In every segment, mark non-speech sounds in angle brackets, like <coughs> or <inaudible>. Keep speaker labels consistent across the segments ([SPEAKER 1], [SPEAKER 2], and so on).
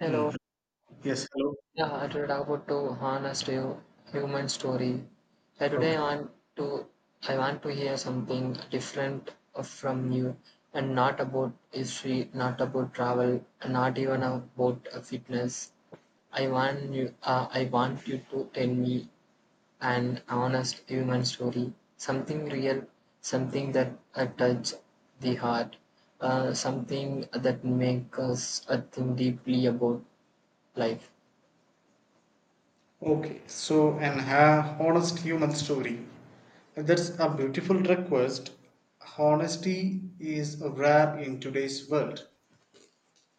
[SPEAKER 1] Hello.
[SPEAKER 2] Mm. Yes, hello.
[SPEAKER 1] Yeah, today I would to harness to you human story. Yeah, today
[SPEAKER 2] Okay.
[SPEAKER 1] to I want to hear something different from you and not about history, not about travel, not even about fitness. I want you to tell me an honest human story, something real, something that touch the heart, something that makes us think deeply about life.
[SPEAKER 2] Okay, so an honest human story. That's a beautiful request. Honesty is rare in today's world.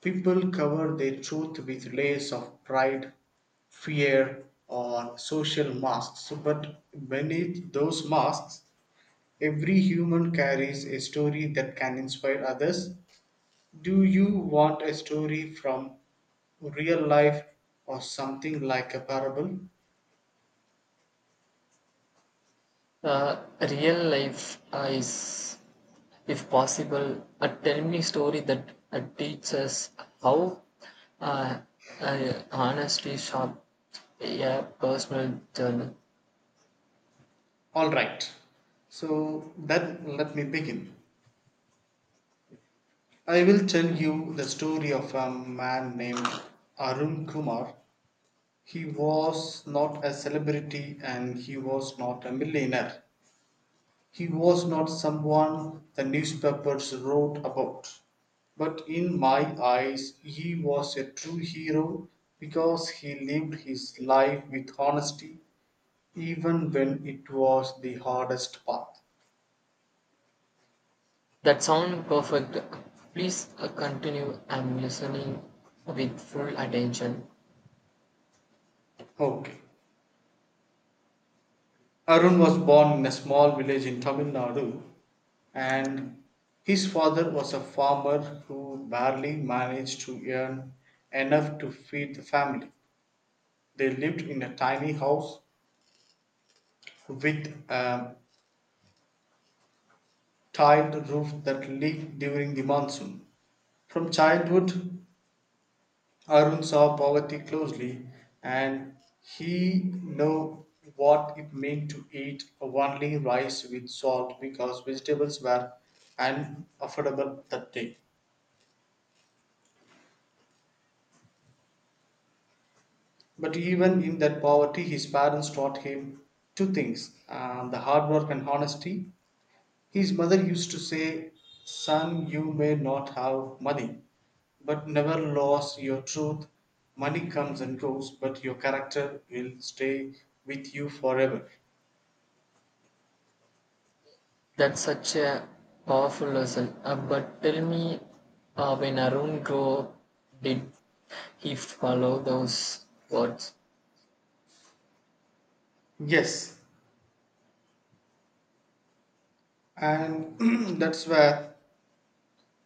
[SPEAKER 2] People cover their truth with layers of pride, fear, or social masks. But beneath those masks, every human carries a story that can inspire others. Do you want a story from real life or something like a parable?
[SPEAKER 1] Uh, Real life is, if possible, a tell me story that teaches how uh, honesty sharp a personal journey.
[SPEAKER 2] All right. So then let me begin. I will tell you the story of a man named Arun Kumar. He was not a celebrity and he was not a millionaire. He was not someone the newspapers wrote about, but in my eyes he was a true hero because he lived his life with honesty even when it was the hardest path.
[SPEAKER 1] That sound perfect. Please continue. I'm listening with full attention.
[SPEAKER 2] Okay. Arun was born in a small village in Tamil Nadu, and his father was a farmer who barely managed to earn enough to feed the family. They lived in a tiny house with a tiled roof that leaked during the monsoon. From childhood, Arun saw poverty closely, and he knew what it meant to eat only rice with salt because vegetables were unaffordable that day. But even in that poverty, his parents taught him two things: the hard work and honesty. His mother used to say, "Son, you may not have money, but never lose your truth. Money comes and goes, but your character will stay with you forever."
[SPEAKER 1] That's such a powerful lesson. But tell me, when Arun grew up, did he follow those words?
[SPEAKER 2] Yes, and <clears throat> that's where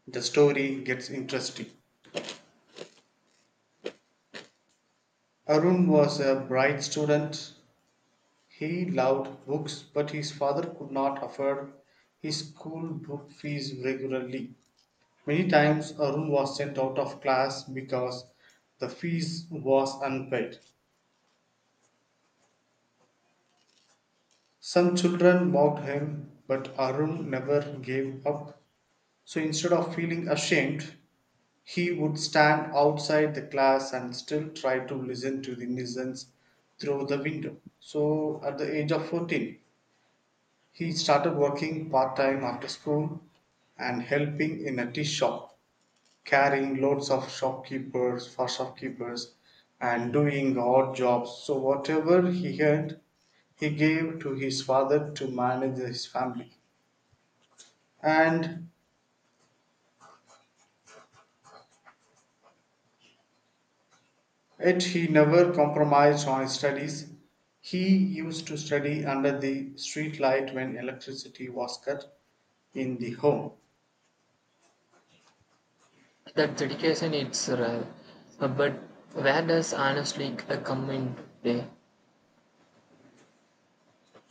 [SPEAKER 2] the story gets interesting. Arun was a bright student. He loved books, but his father could not afford his school book fees regularly. Many times Arun was sent out of class because the fees was unpaid. Some children mocked him, but Arun never gave up. So instead of feeling ashamed, he would stand outside the class and still try to listen to the nuisance through the window. So at the age of 14, he started working part time after school and helping in a tea shop, carrying loads of shopkeepers for shopkeepers and doing odd jobs. So whatever he had, he gave to his father to manage his family. And yet he never compromised on his studies. He used to study under the street light when electricity was cut in the home.
[SPEAKER 1] That dedication it's rare. But where does honestly come in play?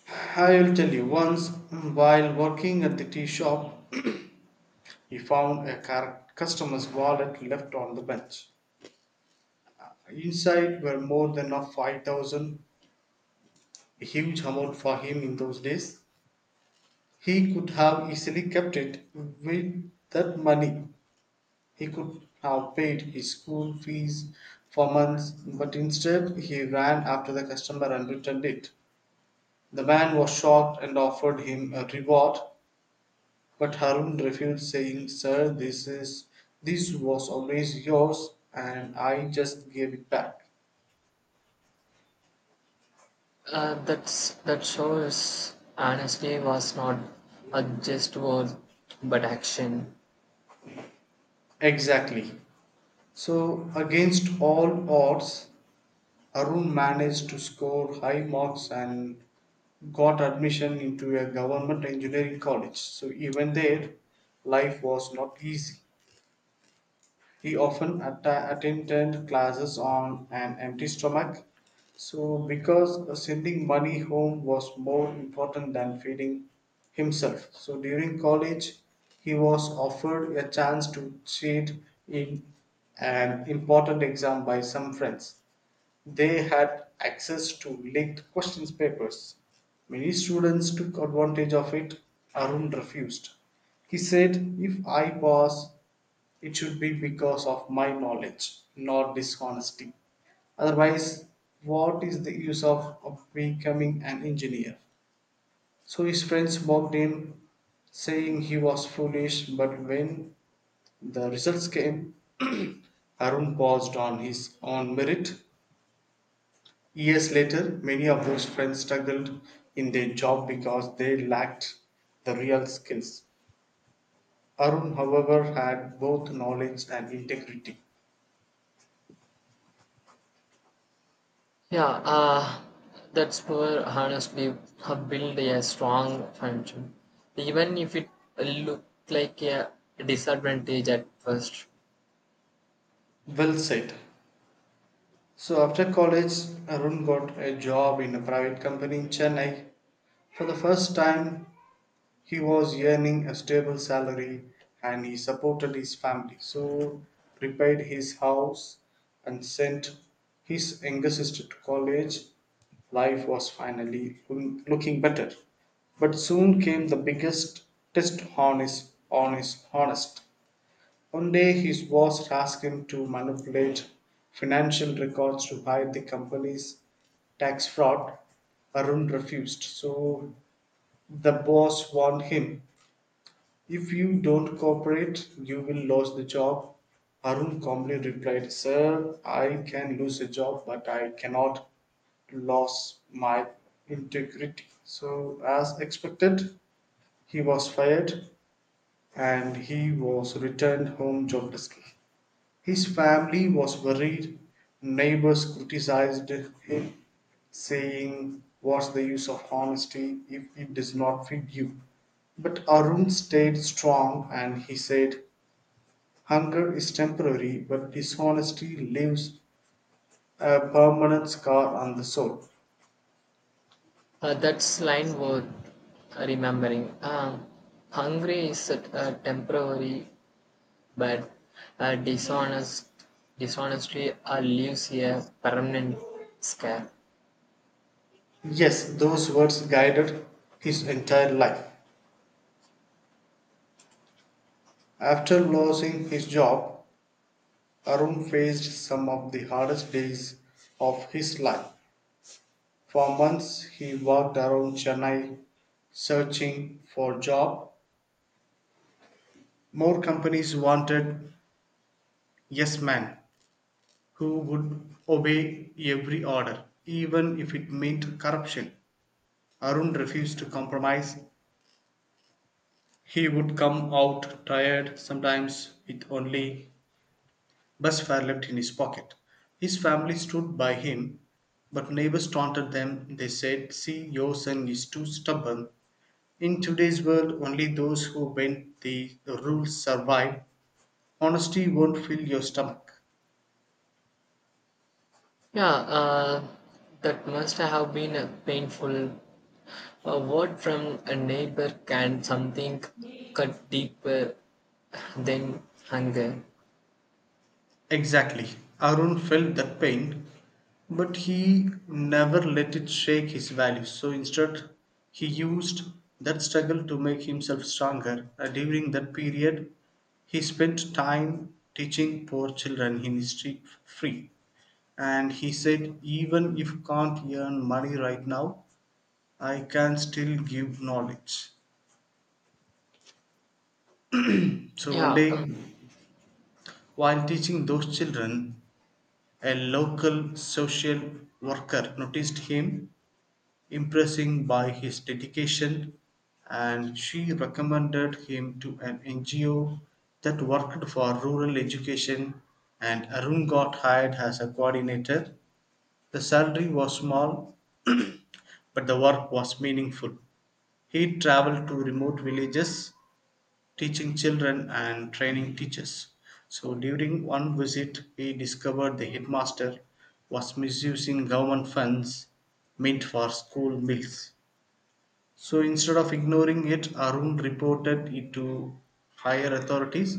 [SPEAKER 2] I'll tell you, once, while working at the tea shop, he found a customer's wallet left on the bench. Inside were more than of 5,000, a huge amount for him in those days. He could have easily kept it. With that money, he could have paid his school fees for months, but instead he ran after the customer and returned it. The man was shocked and offered him a reward, but Harun refused, saying, "Sir, this was always yours, and I just gave it back."
[SPEAKER 1] uh, that's that shows honesty was not a just word but action.
[SPEAKER 2] Exactly. So, against all odds, Arun managed to score high marks and got admission into a government engineering college. So, even there, life was not easy. He often attended classes on an empty stomach, so because sending money home was more important than feeding himself. So during college, he was offered a chance to cheat in an important exam by some friends. They had access to leaked questions papers. Many students took advantage of it. Arun refused. He said, "If I pass, it should be because of my knowledge, not dishonesty. Otherwise, what is the use of becoming an engineer?" So his friends mocked him, saying he was foolish. But when the results came, <clears throat> Arun paused on his own merit. Years later, many of those friends struggled in their job because they lacked the real skills. Arun, however, had both knowledge and integrity.
[SPEAKER 1] Yeah, that's where honestly build a strong function even if it look like a disadvantage at first.
[SPEAKER 2] Well said. So, after college, Arun got a job in a private company in Chennai. For the first time, he was earning a stable salary and he supported his family, so repaid his house and sent his younger sister to college. Life was finally looking better. But soon came the biggest test on his honest. One day his boss asked him to manipulate financial records to hide the company's tax fraud. Arun refused, so the boss warned him, "If you don't cooperate, you will lose the job." Arun calmly replied, "Sir, I can lose a job, but I cannot lose my integrity." So, as expected, he was fired and he was returned home joblessly. His family was worried, neighbors criticized him, saying, "What's the use of honesty if it does not feed you?" But Arun stayed strong and he said, "Hunger is temporary, but dishonesty leaves a permanent scar on the soul."
[SPEAKER 1] That's line worth remembering. Um Hungry is a temporary. But a dishonest dishonesty leaves a permanent scar.
[SPEAKER 2] Yes, those words guided his entire life. After losing his job, Arun faced some of the hardest days of his life. For months he walked around Chennai searching for job. More companies wanted yes men who would obey every order, even if it meant corruption. Arun refused to compromise. He would come out tired, sometimes with only bus fare left in his pocket. His family stood by him, but neighbors taunted them. They said, "See, your son is too stubborn. In today's world, only those who bend the rules survive. Honesty won't fill your stomach."
[SPEAKER 1] Yeah, that must have been a painful. A word from a neighbor can something cut deeper than hunger.
[SPEAKER 2] Exactly. Arun felt that pain, but he never let it shake his values. So instead, he used that struggle to make himself stronger. During that period, he spent time teaching poor children in his street free. And he said, "Even if can't earn money right now, I can still give knowledge." So one
[SPEAKER 1] Yeah.
[SPEAKER 2] day, while teaching those children, a local social worker noticed him, impressing by his dedication, and she recommended him to an NGO that worked for rural education, and Arun got hired as a coordinator. The salary was small, <clears throat> but the work was meaningful. He traveled to remote villages teaching children and training teachers. So during one visit, we discovered the headmaster was misusing government funds meant for school meals. So instead of ignoring it, Arun reported it to higher authorities.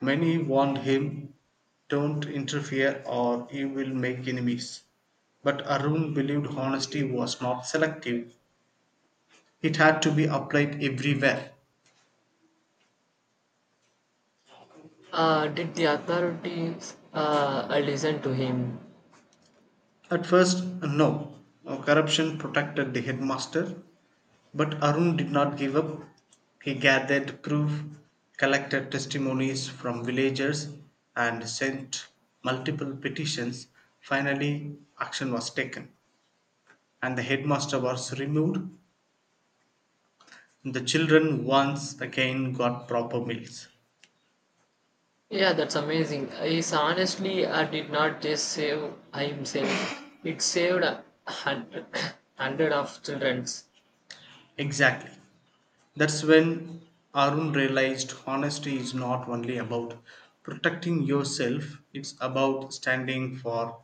[SPEAKER 2] Many warned him, "Don't interfere or you will make enemies." But Arun believed honesty was not selective, it had to be applied everywhere.
[SPEAKER 1] Did the authorities listen to him?
[SPEAKER 2] At first, no. Corruption protected the headmaster, but Arun did not give up. He gathered proof, collected testimonies from villagers, and sent multiple petitions. Finally, action was taken, and the headmaster was removed. The children once again got proper meals.
[SPEAKER 1] Yeah, that's amazing. Is honestly, I did not just save himself. It saved a hundred, <coughs> hundred of childrens
[SPEAKER 2] Exactly. That's when Arun realized honesty is not only about protecting yourself, it's about standing for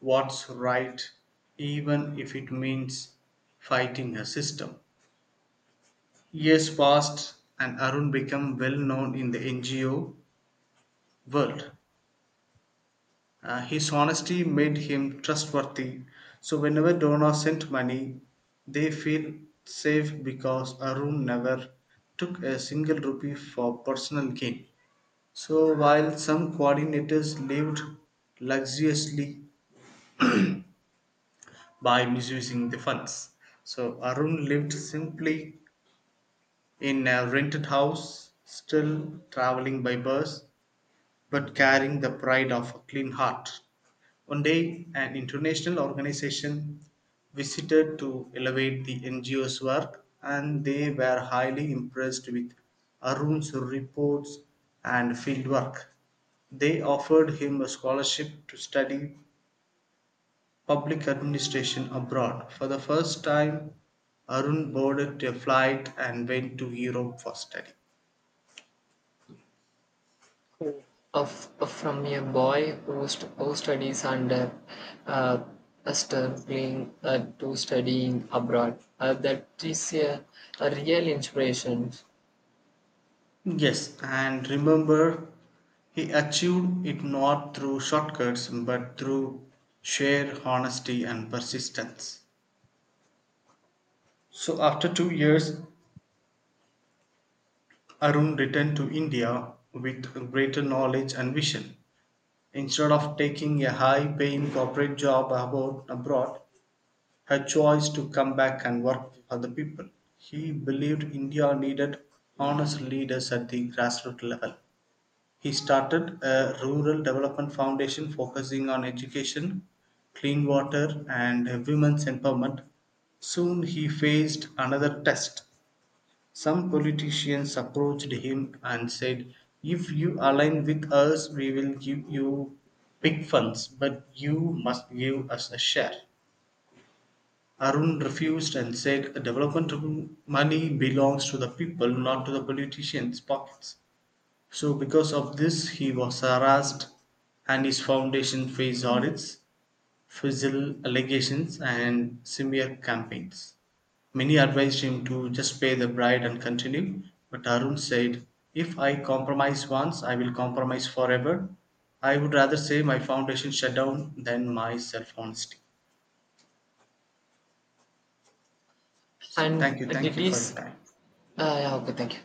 [SPEAKER 2] what's right, even if it means fighting a system. Years passed, and Arun became well known in the NGO world. His honesty made him trustworthy, so whenever Donna sent money, they feel safe because Arun never took a single rupee for personal gain. So while some coordinators lived luxuriously by misusing the funds, so Arun lived simply in a rented house, still traveling by bus, but carrying the pride of a clean heart. One day, an international organization visited to elevate the NGO's work, and they were highly impressed with Arun's reports and fieldwork. They offered him a scholarship to study public administration abroad. For the first time, Arun boarded a flight and went to Europe for study.
[SPEAKER 1] of from a boy who studies under uh, struggling to studying abroad. That is a real inspiration.
[SPEAKER 2] Yes, and remember, he achieved it not through shortcuts but through sheer honesty and persistence. So, after 2 years, Arun returned to India with greater knowledge and vision. Instead of taking a high paying corporate job abroad, her choice to come back and work for other people. He believed India needed honest leaders at the grassroots level. He started a rural development foundation focusing on education, clean water, and women's empowerment. Soon he faced another test. Some politicians approached him and said, "If you align with us, we will give you big funds, but you must give us a share." Arun refused and said, "Development money belongs to the people, not to the politicians' pockets." So because of this he was harassed and his foundation faced audits, fizzle allegations and smear campaigns. Many advised him to just pay the bride and continue, but Arun said, "If I compromise once, I will compromise forever. I would rather say my foundation shut down than my self honesty." So,
[SPEAKER 1] And
[SPEAKER 2] thank
[SPEAKER 1] it
[SPEAKER 2] you for your
[SPEAKER 1] is
[SPEAKER 2] time.
[SPEAKER 1] yeah, okay. Thank you.